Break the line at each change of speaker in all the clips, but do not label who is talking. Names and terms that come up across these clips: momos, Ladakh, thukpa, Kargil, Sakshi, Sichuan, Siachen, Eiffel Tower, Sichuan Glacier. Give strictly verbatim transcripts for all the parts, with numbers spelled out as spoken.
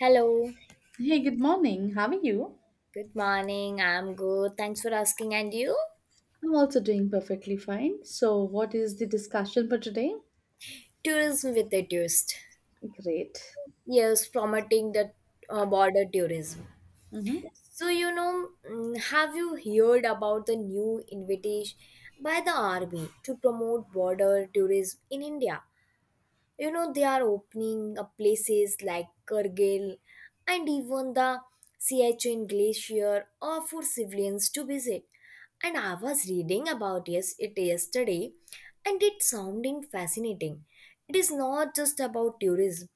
Hello,
Hey, good morning. How are you?
good morning. I'm good. Thanks for asking. And you?
I'm also doing perfectly fine. So, what is the discussion for today?
Tourism with a twist.
Great.
Yes, promoting the uh, border tourism.
Mhm.
So, you know, mm, have you heard about the new invitation by the army to promote border tourism in India? You know, they are opening up places like Kargil and even the Siachen glacier or for civilians to visit, and I was reading about yes it yesterday, and it sounded fascinating. It is not just about tourism,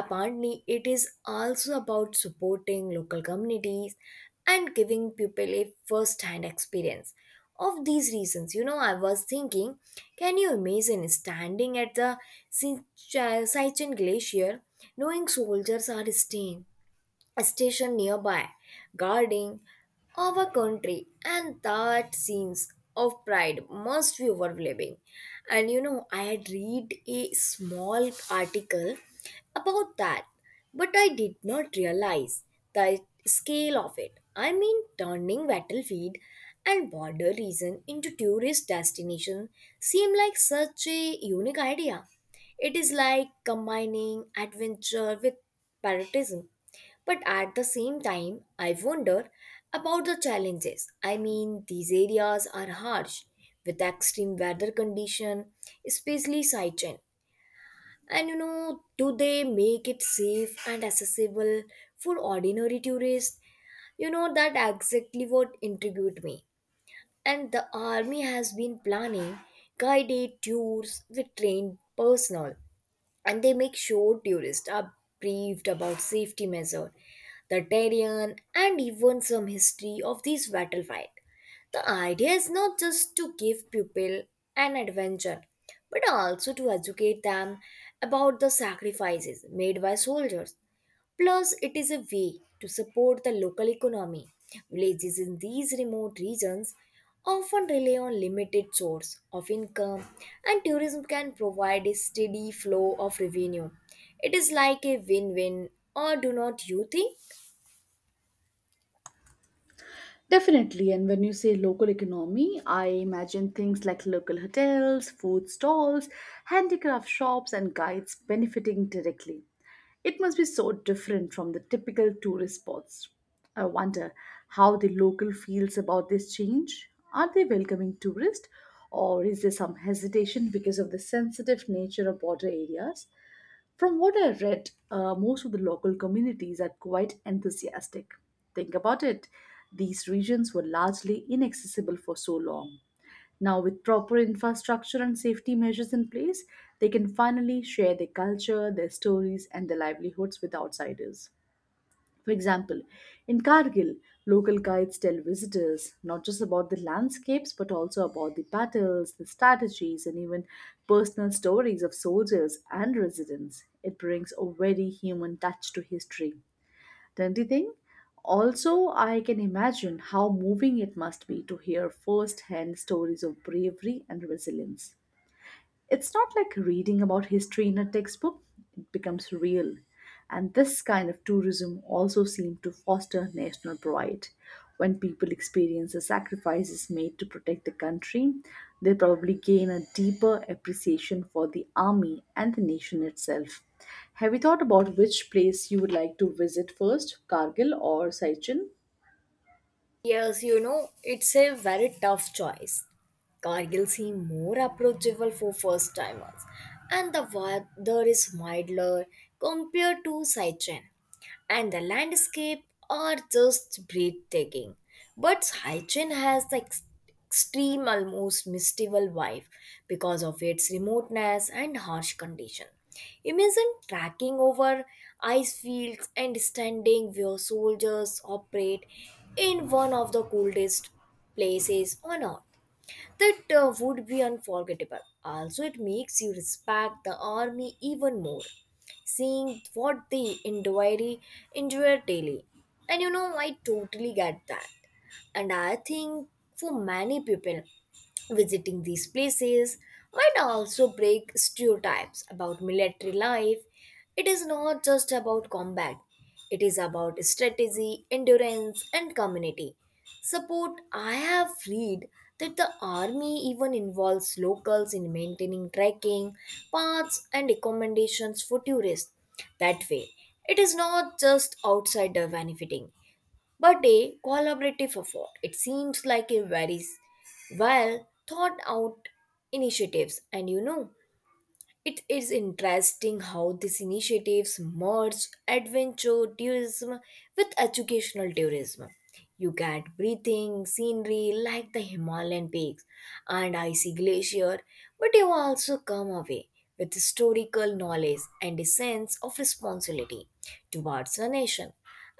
apparently it is also about supporting local communities and giving people a first hand experience of these reasons. You know, I was thinking, can you imagine standing at the Sin- Cha- Sichuan glacier, knowing soldiers are staying a station nearby, guarding our country, and that scenes of pride must be overwhelming? And you know, I had read a small article about that, but I did not realize the scale of it. I mean, turning battlefield and border region into tourist destination seem like such a unique idea. It is like combining adventure with patriotism, but at the same time, I wonder about the challenges. I mean, these areas are harsh with extreme weather condition, especially Saichen. And you know, do they make it safe and accessible for ordinary tourists? You know, that exactly what intrigued me. And the army has been planning guided tours with trained personnel, and they make sure tourists are briefed about safety measures, the terrain, and even some history of these battlefield. The idea is not just to give people an adventure, but also to educate them about the sacrifices made by soldiers. Plus, it is a way to support the local economy. Villages in these remote regions often rely on limited source of income, and tourism can provide a steady flow of revenue. It is like a win-win, or do not you think?
Definitely. And when you say local economy, I imagine things like local hotels, food stalls, handicraft shops, and guides benefiting directly. It must be so different from the typical tourist spots. I wonder how the local feels about this change. Are they welcoming tourists, or is there some hesitation because of the sensitive nature of border areas? From what I read, uh, most of the local communities are quite enthusiastic. Think about it. These regions were largely inaccessible for so long. Now, with proper infrastructure and safety measures in place, they can finally share their culture, their stories, and their livelihoods with outsiders. For example, in Kargil, local guides tell visitors not just about the landscapes but also about the battles, the strategies, and even personal stories of soldiers and residents. It brings a very human touch to history. Don't you think? Also, I can imagine how moving it must be to hear first hand stories of bravery and resilience. It's not like reading about history in a textbook, it becomes real. And this kind of tourism also seems to foster national pride. When people experience the sacrifices made to protect the country, they probably gain a deeper appreciation for the army and the nation itself. Have you thought about which place you would like to visit first, Kargil or Sichuan?
Yes, you know, it's a very tough choice. Cargill seem more approachable for first timers, and the weather is milder compared to Sichuan, and the landscape are just breathtaking. But Sichuan has the ex- extreme, almost mystical vibe because of its remoteness and harsh condition. Imagine tracking over ice fields and standing where soldiers operate in one of the coldest places on earth. That uh, would be unforgettable. Also, it makes you respect the army even more, seeing what they endure, endure daily. And you know, I totally get that. And I think for many people, visiting these places might also break stereotypes about military life. It is not just about combat, it is about strategy, endurance, and community support. I have read that the army even involves locals in maintaining trekking paths and accommodations for tourists. That way, it is not just outsider benefiting, but a collaborative effort. It seems like a very well thought out initiatives. And you know, it is interesting how these initiatives merge adventure tourism with educational tourism. You get breathing scenery like the Himalayan peaks and icy glacier, but you also come away with historical knowledge and a sense of responsibility towards the nation.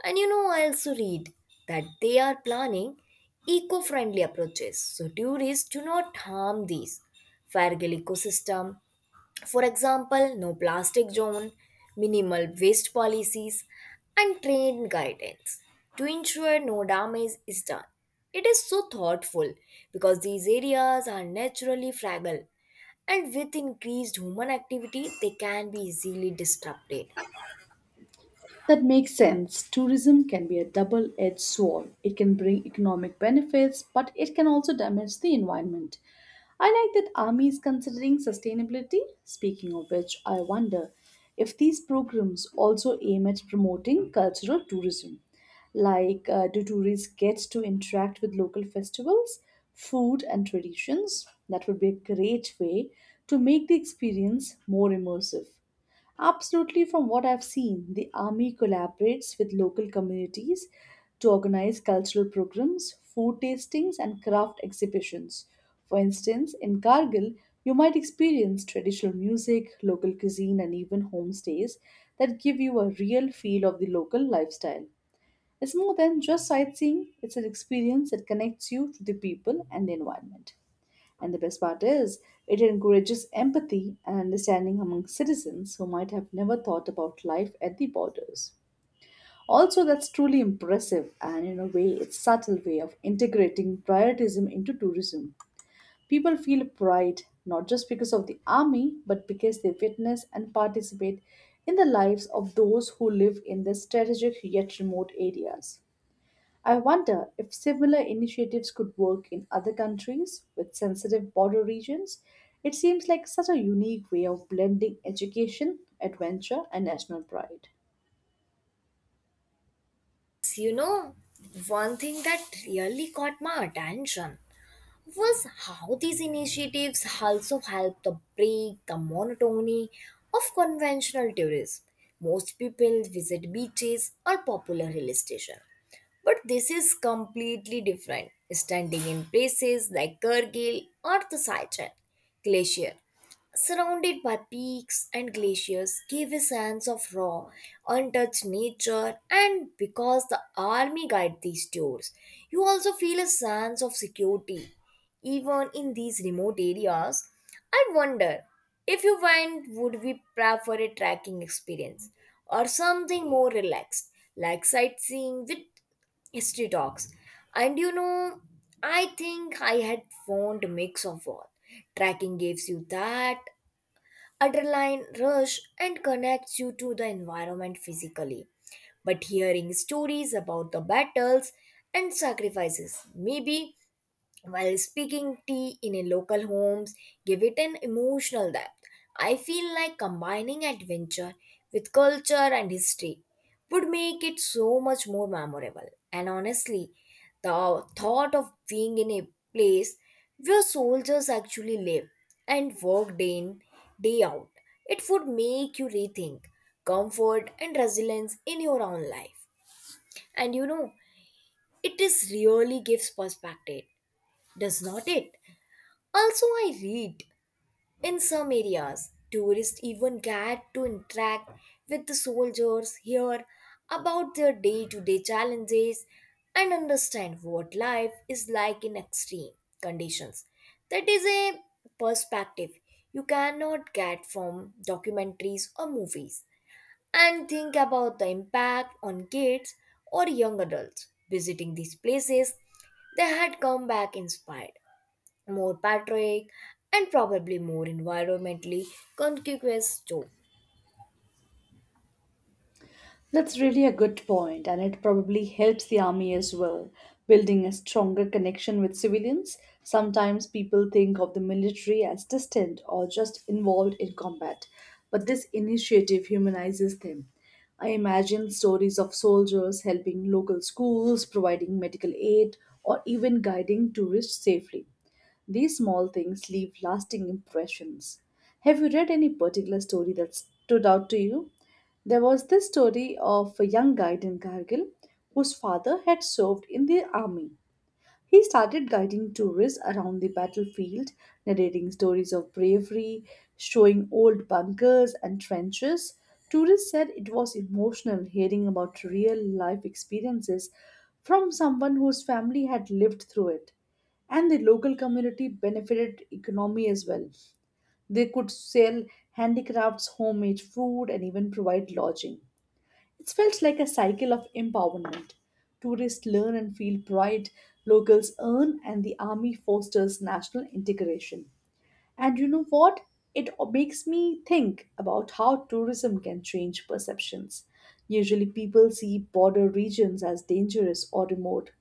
And you know, I also read that they are planning eco friendly approaches so tourists do not harm these fragile ecosystem. For example, no plastic zone, minimal waste policies, and trained guidance to ensure no damage is done. It is so thoughtful because these areas are naturally fragile, and with increased human activity, they can be easily disrupted.
That makes sense. Tourism can be a double edged sword. It can bring economic benefits, but it can also damage the environment. I like that Army is considering sustainability. Speaking of which, I wonder if these programs also aim at promoting cultural tourism. Like, uh, do tourists get to interact with local festivals, food, and traditions? That would be a great way to make the experience more immersive. Absolutely, from what I've seen, the army collaborates with local communities to organize cultural programs, food tastings, and craft exhibitions. For instance, in Kargil, you might experience traditional music, local cuisine, and even homestays that give you a real feel of the local lifestyle. It's more than just sightseeing, it's an experience that connects you to the people and the environment. And the best part is, it encourages empathy and understanding among citizens who might have never thought about life at the borders. Also, that's truly impressive, and in a way, it's subtle way of integrating prioritism into tourism. People feel pride not just because of the army, but because they witness and participate in the lives of those who live in the strategic yet remote areas. I wonder if similar initiatives could work in other countries with sensitive border regions. It seems like such a unique way of blending education, adventure, and national pride.
You know, one thing that really caught my attention was how these initiatives also help to break the monotony of conventional tourism. Most people visit beaches or popular hill stations, but this is completely different. Standing in places like Kargil or the Sichuan Glacier surrounded by peaks and glaciers, gave a sense of raw, untouched nature. And because the army guide these tours, you also feel a sense of security, even in these remote areas. I wonder, if you went, would we prefer a trekking experience or something more relaxed, like sightseeing with history talks? And you know, I think I had found a mix of both. Tracking gives you that adrenaline rush and connects you to the environment physically, but hearing stories about the battles and sacrifices, maybe while speaking tea in a local homes, give it an emotional depth. I feel like combining adventure with culture and history would make it so much more memorable. And honestly, the thought of being in a place where soldiers actually live and work day in, day out, it would make you rethink comfort and resilience in your own life. And you know, it is really gives perspective, does not it? Also, I read in some areas, tourists even get to interact with the soldiers, hear about their day to day challenges, and understand what life is like in extreme conditions. That is a perspective you cannot get from documentaries or movies. And think about the impact on kids or young adults visiting these places. They had come back inspired, more patriotic, and probably more environmentally conscious too.
That's really a good point, and it probably helps the army as well, building a stronger connection with civilians. Sometimes people think of the military as distant or just involved in combat, but this initiative humanizes them. I imagine stories of soldiers helping local schools, providing medical aid, or even guiding tourists safely. These small things leave lasting impressions. Have you read any particular story that stood out to you? There was the story of a young guide in Kargil whose father had served in the army. He started guiding tourists around the battlefield, narrating stories of bravery, showing old bunkers and trenches. Tourists said it was emotional hearing about real life experiences from someone whose family had lived through it and the local community benefited economy as well. They could sell handicrafts, homemade food, and even provide lodging. It felt like a cycle of empowerment. Tourists learn and feel pride, locals earn, and the army fosters national integration. And you know what? It makes me think about how tourism can change perceptions. Usually, people see border regions as dangerous or remote.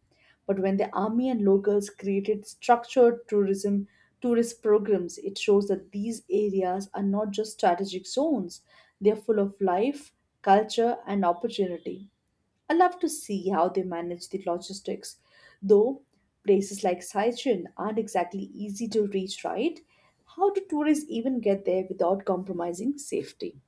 But when the army and locals created structured tourism tourist programs, it shows that these areas are not just strategic zones, they are full of life, culture, and opportunity. I love to see how they manage the logistics, though places like Saichun aren't exactly easy to reach, right? How do tourists even get there without compromising safety?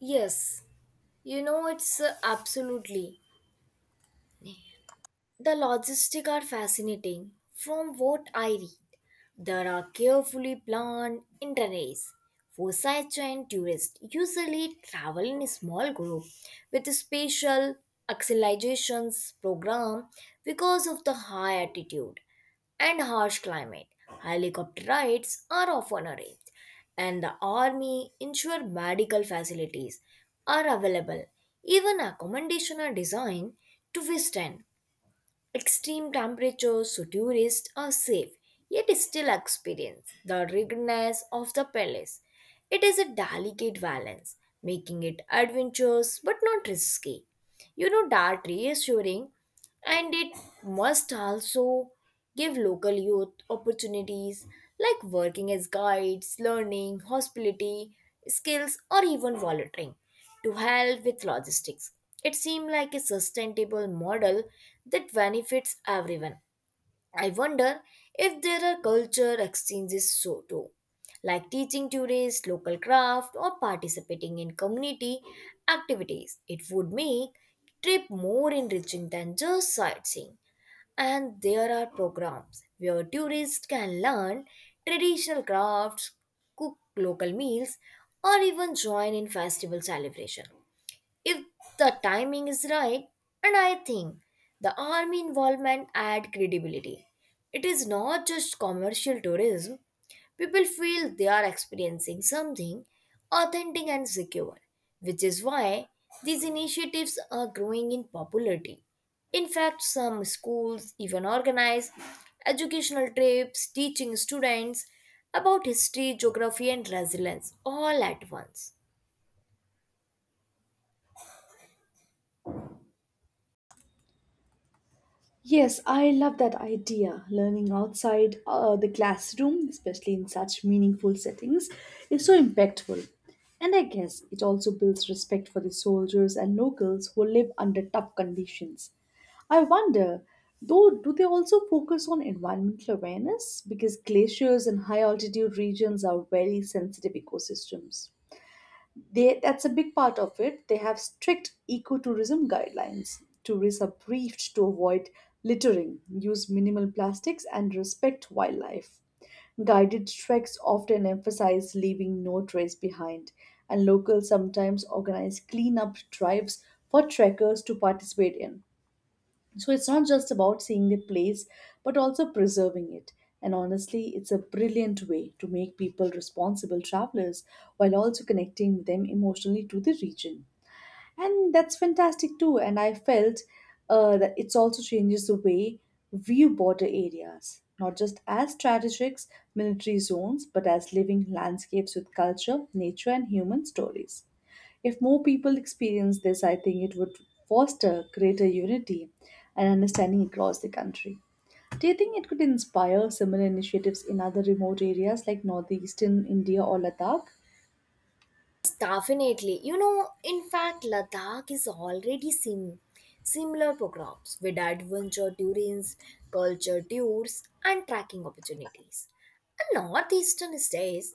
Yes, you know it's uh, absolutely. The logistics are fascinating. From what I read, there are carefully planned itineraries for sightseeing tourists. Usually, travel in a small group with a special accelizations program because of the high altitude and harsh climate. Helicopter rides are often arranged, and the army ensure medical facilities are available. Even accommodation are designed to withstand extreme temperatures, so tourists are safe, yet still experience the ruggedness of the palace. It is a delicate balance, making it adventurous but not risky. You know that reassuring, and it must also give local youth opportunities like working as guides, learning, hospitality skills, or even volunteering to help with logistics. It seemed like a sustainable model that benefits everyone. I wonder if there are culture exchanges so too, like teaching tourists local craft or participating in community activities. It would make trip more enriching than just sightseeing. And there are programs where tourists can learn traditional crafts, cook local meals, or even join in festival celebration if the timing is right. And I think the army involvement add credibility. It is not just commercial tourism, people feel they are experiencing something authentic and secure, which is why these initiatives are growing in popularity. In fact, some schools even organize educational trips, teaching students about history, geography, and resilience all at once.
Yes, I love that idea. Learning outside uh, the classroom, especially in such meaningful settings, is so impactful. And I guess it also builds respect for the soldiers and locals who live under tough conditions. I wonder, though, do they also focus on environmental awareness? Because glaciers and high altitude regions are very sensitive ecosystems. They, that's a big part of it. They have strict ecotourism guidelines. Tourists are briefed to avoid littering, use minimal plastics, and respect wildlife. Guided treks often emphasize leaving no trace behind, and locals sometimes organize cleanup drives for trekkers to participate in. So it's not just about seeing the place, but also preserving it. And honestly, it's a brilliant way to make people responsible travelers while also connecting them emotionally to the region. And that's fantastic too. And I felt uh, that it also changes the way view border areas, not just as strategic military zones but as living landscapes with culture, nature, and human stories. If more people experience this, I think it would foster greater unity and understanding across the country. Do you think it could inspire similar initiatives in other remote areas like northeastern India or Ladakh?
Definitely. You know, in fact, Ladakh is already seeing similar programs with adventure tourism, culture tours, and tracking opportunities. And northeastern states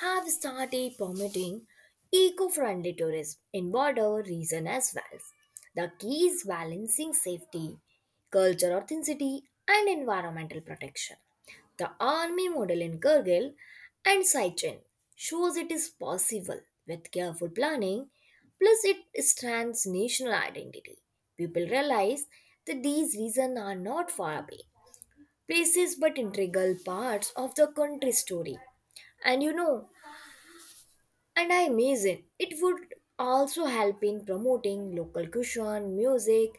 have started permitting eco-friendly tourism in border region as well. The key is balancing safety, cultural authenticity, and environmental protection. The army model in Kargil and Sichuan shows it is possible with careful planning, plus it strengthens national identity. People realize that these reasons are not far away places, but integral parts of the country's story. And you know, and I imagine it would also help in promoting local cuisine, music,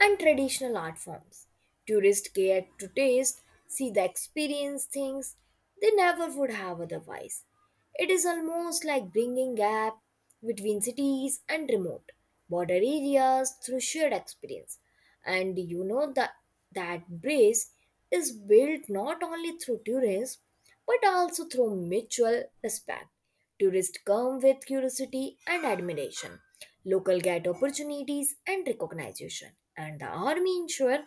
and traditional art forms. Tourists get to taste, see the experience things they never would have otherwise. It is almost like bringing gap between cities and remote border areas through shared experience. And you know that that bridge is built not only through tourism, but also through mutual respect. Tourists come with curiosity and admiration. Local get opportunities and recognition. And the army ensure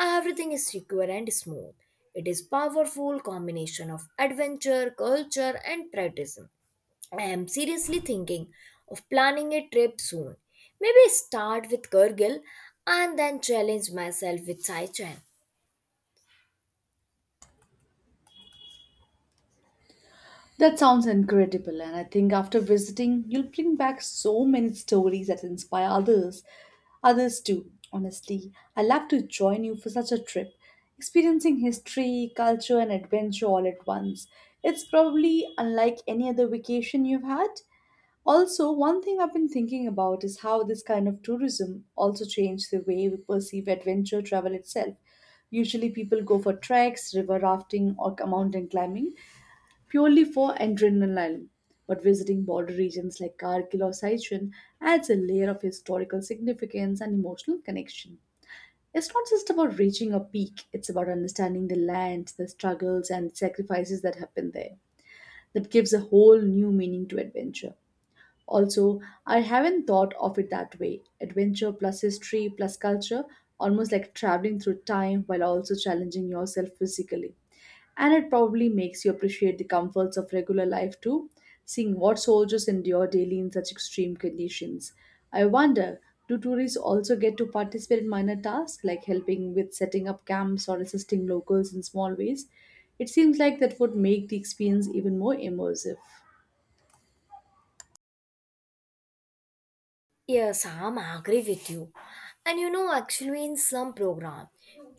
everything is secure and smooth. It is powerful combination of adventure, culture and patriotism. I am seriously thinking of planning a trip soon. Maybe start with Kargil and then challenge myself with Saichen.
That sounds incredible, and I think after visiting, you'll bring back so many stories that inspire others, others too. Honestly, I would love to join you for such a trip, experiencing history, culture, and adventure all at once. It's probably unlike any other vacation you've had. Also, one thing I've been thinking about is how this kind of tourism also changed the way we perceive adventure travel itself. Usually, people go for treks, river rafting, or mountain climbing purely for adrenaline. But visiting border regions like Kargil or Sichuan adds a layer of historical significance and emotional connection. It's not just about reaching a peak, it's about understanding the land, the struggles, and sacrifices that happen there. That gives a whole new meaning to adventure. Also, I haven't thought of it that way. Adventure plus history plus culture, almost like traveling through time while also challenging yourself physically. And it probably makes you appreciate the comforts of regular life too, seeing what soldiers endure daily in such extreme conditions. I wonder, do tourists also get to participate in minor tasks like helping with setting up camps or assisting locals in small ways? It seems like that would make the experience even more immersive.
Yes, I'm agree with you. And you know, actually, in slum program,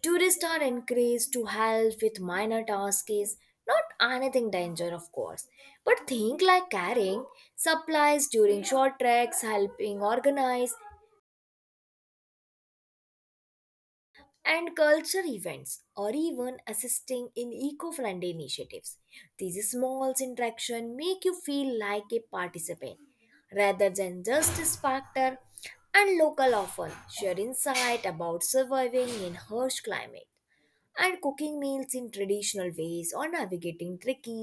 tourists are encouraged to help with minor tasks, not anything danger, of course, but think like carrying supplies during short treks, helping organize, and culture events or even assisting in eco-friendly initiatives. These small interactions make you feel like a participant rather than just a spectator. And local often share insight about surviving in harsh climate and cooking meals in traditional ways or navigating tricky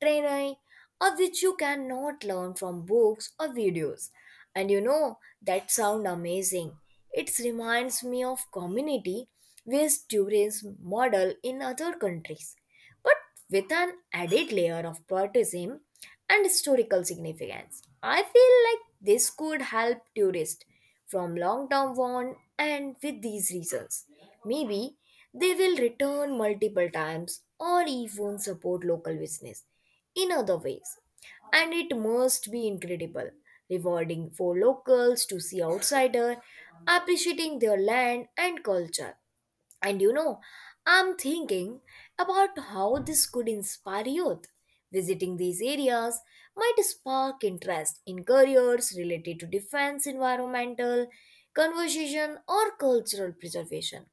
terrain, of which you cannot learn from books or videos. And you know, that sound amazing. It reminds me of community where students model in other countries, but with an added layer of patriotism and historical significance. I feel like this could help tourists from long term one and with these reasons. Maybe they will return multiple times or even support local business in other ways. And it must be incredible, rewarding for locals to see outsider appreciating their land and culture. And you know, I'm thinking about how this could inspire youth. Visiting these areas might spark interest in careers related to defense, environmental, conservation, or cultural preservation.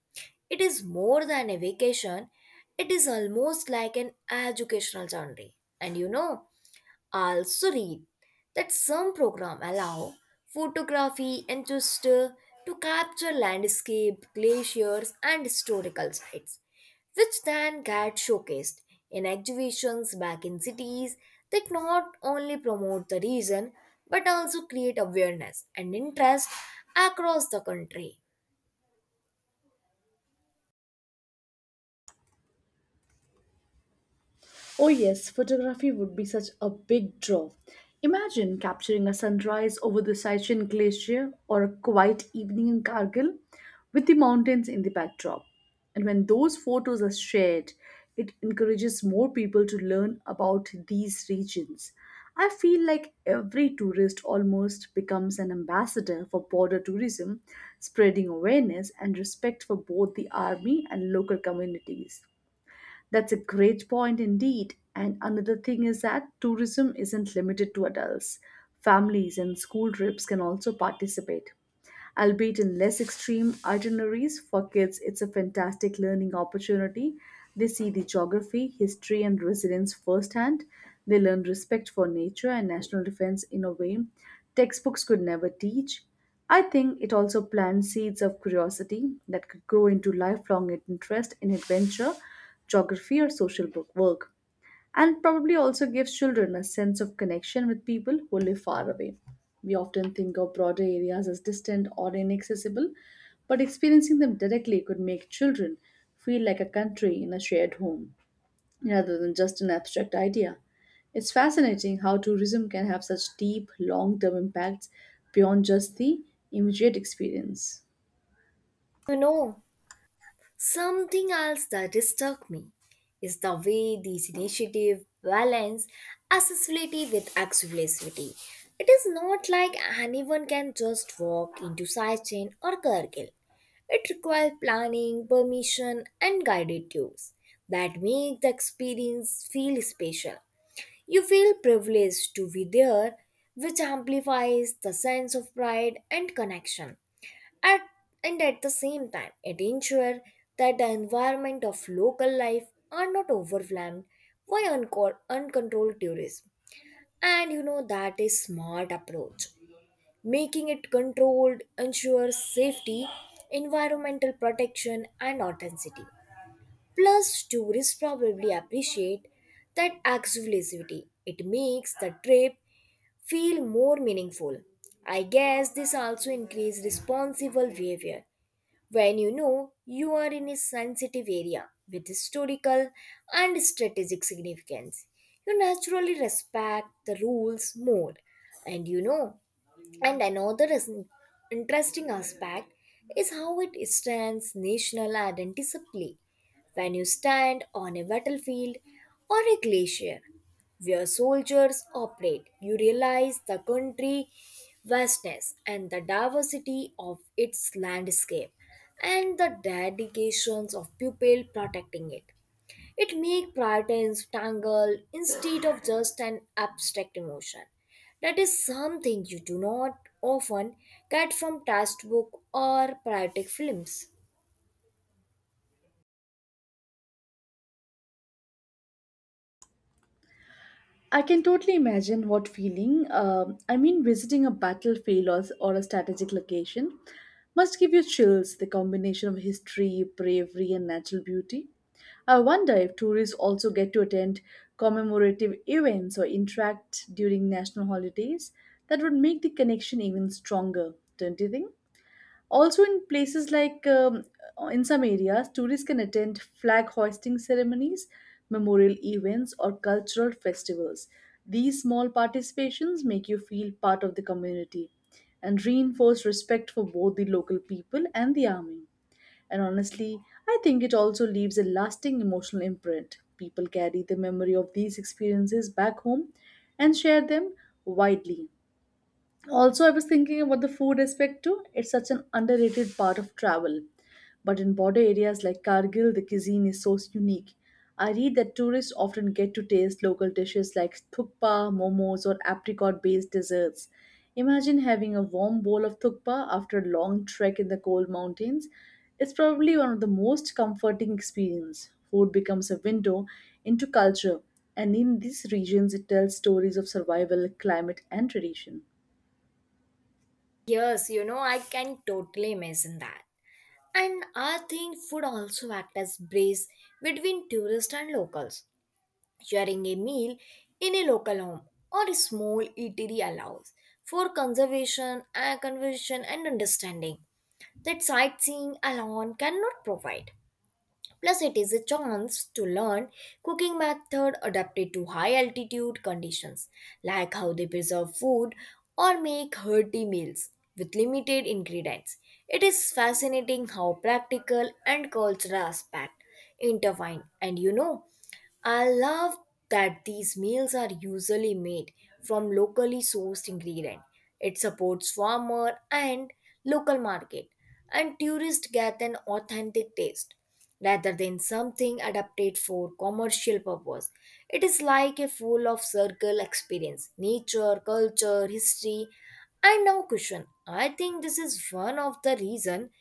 It is more than a vacation, it is almost like an educational journey. And you know, I also read that some programs allow photography and just uh, to capture landscape, glaciers, and historical sites, which then get showcased in exhibitions back in cities. That not only promote the region but also create awareness and interest across the country.
Oh, yes, photography would be such a big draw. Imagine capturing a sunrise over the Sichuan Glacier or a quiet evening in Kargil with the mountains in the backdrop. And when those photos are shared, it encourages more people to learn about these regions. I feel like every tourist almost becomes an ambassador for border tourism, spreading awareness and respect for both the army and local communities. That's a great point indeed. And another thing is that tourism isn't limited to adults. Families and school trips can also participate. Albeit in less extreme itineraries for kids, it's a fantastic learning opportunity. They see the geography, history, and resilience firsthand. They learn respect for nature and national defense in a way textbooks could never teach. I think it also plants seeds of curiosity that could grow into lifelong interest in adventure, geography, or social book work, and probably also gives children a sense of connection with people who live far away. We often think of broader areas as distant or inaccessible, but experiencing them directly could make children feel like a country in a shared home rather than just an abstract idea. It's fascinating how tourism can have such deep, long term impacts beyond just the immediate experience.
You know, Something else that struck me is the way these initiatives balance accessibility with accessibility. It is not like anyone can just walk into Sachin or Kargil. It requires planning, permission, and guided tours that make the experience feel special. You feel privileged to be there, which amplifies the sense of pride and connection. At, and at the same time, it ensures that the environment of local life are not overwhelmed by unco- uncontrolled tourism. And you know that is smart approach. Making it controlled ensures safety, environmental protection, and authenticity. Plus, tourists probably appreciate that exclusivity. It makes the trip feel more meaningful. I guess this also increases responsible behavior when you know you are in a sensitive area with historical and strategic significance. You naturally respect the rules more, and you know and another is interesting aspect is how it strengthens national identity. When you stand on a battlefield or a glacier where soldiers operate, you realize the country vastness and the diversity of its landscape and the dedications of people protecting it. It makes patterns tangle instead of just an abstract emotion. That is something you do not often get from textbook or poetic films.
I can totally imagine what feeling. Um, I mean, visiting a battlefield or, or a strategic location must give you chills, the combination of history, bravery, and natural beauty. I wonder if tourists also get to attend commemorative events or interact during national holidays. That would make the connection even stronger, don't you think? Also, in places like um, in some areas, tourists can attend flag hoisting ceremonies, memorial events, or cultural festivals. These small participations make you feel part of the community and reinforce respect for both the local people and the army. And honestly, I think it also leaves a lasting emotional imprint. People carry the memory of these experiences back home and share them widely. Also, I was thinking about the food aspect too. It's such an underrated part of travel. But in border areas like Kargil, the cuisine is so unique. I read that tourists often get to taste local dishes like thukpa, momos, or apricot based desserts. Imagine having a warm bowl of thukpa after a long trek in the cold mountains. It's probably one of the most comforting experiences. Food becomes a window into culture, and in these regions, it tells stories of survival, climate, and tradition.
Yes, you know, I can totally imagine that. And I think food also act as bridge between tourists and locals. Sharing a meal in a local home or a small eatery allows for conservation, uh, conversation, and understanding that sightseeing alone cannot provide. Plus, it is a chance to learn cooking method adapted to high altitude conditions, like how they preserve food or make hearty meals with limited ingredients. It is fascinating how practical and cultural aspect intertwine. And you know, I love that these meals are usually made from locally sourced ingredient. It supports farmer and local market and tourists get an authentic taste rather than something adapted for commercial purpose. It is like a full of circle experience, nature, culture, history, and now cushion. I think this is one of the reason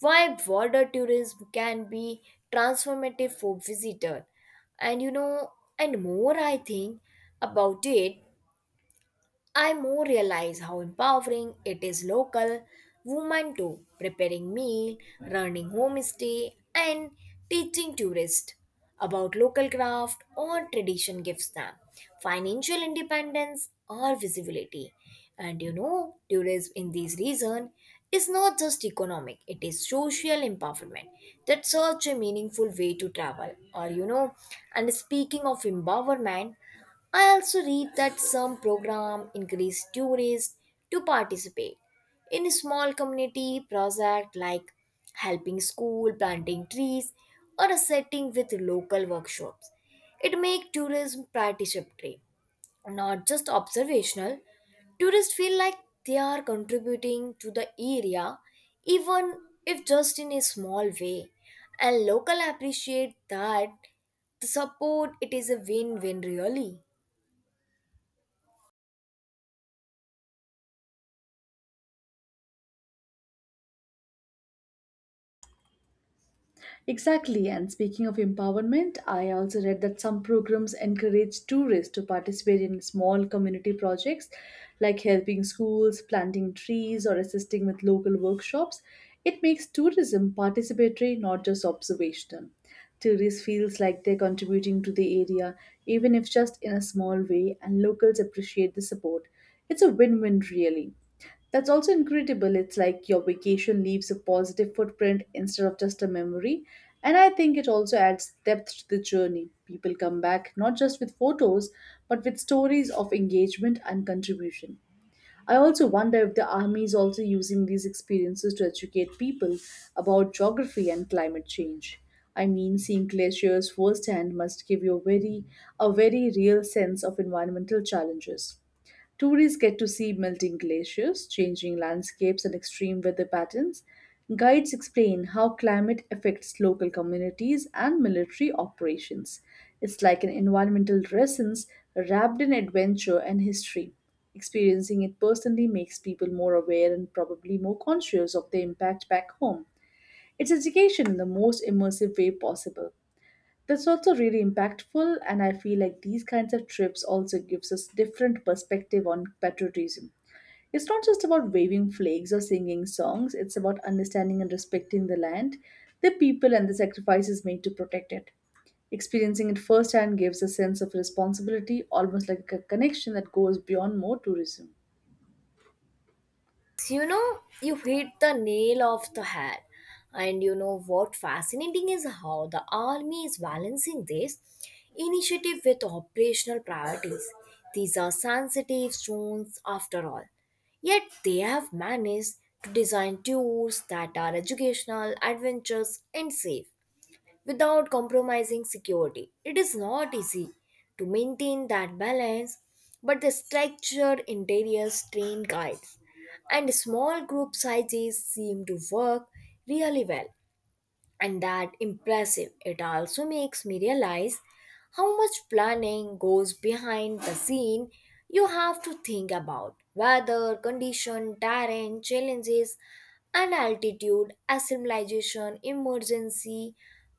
why border tourism can be transformative for visitor. And you know, and more I think about it, I more realize how empowering it is local women to preparing meal, running homestay, and teaching tourists about local craft or tradition gives them financial independence or visibility. And you know, tourism in these reason is not just economic, it is social empowerment. That's such a meaningful way to travel. Or you know, and speaking of empowerment, I also read that some program encourage tourists to participate in small community project like helping school, planting trees, or setting with local workshops. It makes tourism participatory, not just observational. Tourists feel like they are contributing to the area, even if just in a small way, and local appreciate that the support. It is a win-win, really.
Exactly, and speaking of empowerment, I also read that some programs encourage tourists to participate in small community projects like helping schools, planting trees, or assisting with local workshops. It makes tourism participatory, not just observational. Tourists feels like they're contributing to the area, even if just in a small way, and locals appreciate the support. It's a win-win really. That's also incredible. It's like your vacation leaves a positive footprint instead of just a memory. And I think it also adds depth to the journey. People come back not just with photos, but with stories of engagement and contribution. I also wonder if the army is also using these experiences to educate people about geography and climate change. I mean, seeing glaciers firsthand must give you a very, a very real sense of environmental challenges. Tourists get to see melting glaciers, changing landscapes, and extreme weather patterns. Guides explain how climate affects local communities and military operations. It's like an environmental lessons wrapped in adventure and history. Experiencing it personally makes people more aware and probably more conscious of the impact back home. It's education in the most immersive way possible. That's also really impactful and I feel like these kinds of trips also gives us different perspective on patriotism. It's not just about waving flags or singing songs, it's about understanding and respecting the land, the people and the sacrifices made to protect it. Experiencing it firsthand gives a sense of responsibility, almost like a connection that goes beyond more tourism.
You know, you hit the nail of the head. And you know what fascinating is how the army is balancing this initiative with operational priorities. These are sensitive zones after all, yet they have managed to design tours that are educational, adventurous, and safe without compromising security. It is not easy to maintain that balance, but the structured interiors, train guides, and small group sizes seem to work really well. And that impressive, it also makes me realize how much planning goes behind the scene. You have to think about weather condition, terrain challenges, and altitude assimilation, emergency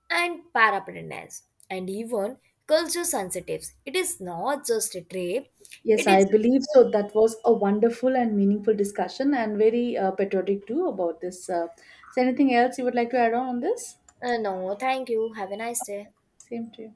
and preparedness, and even culture sensitives. It is not just a trip.
Yes,
It
I
is
believe so. That was a wonderful and meaningful discussion and very uh, patriotic too about this. Uh, is there anything else you would like to add on on this?
uh, no, thank you. Have a nice day.
Same to you.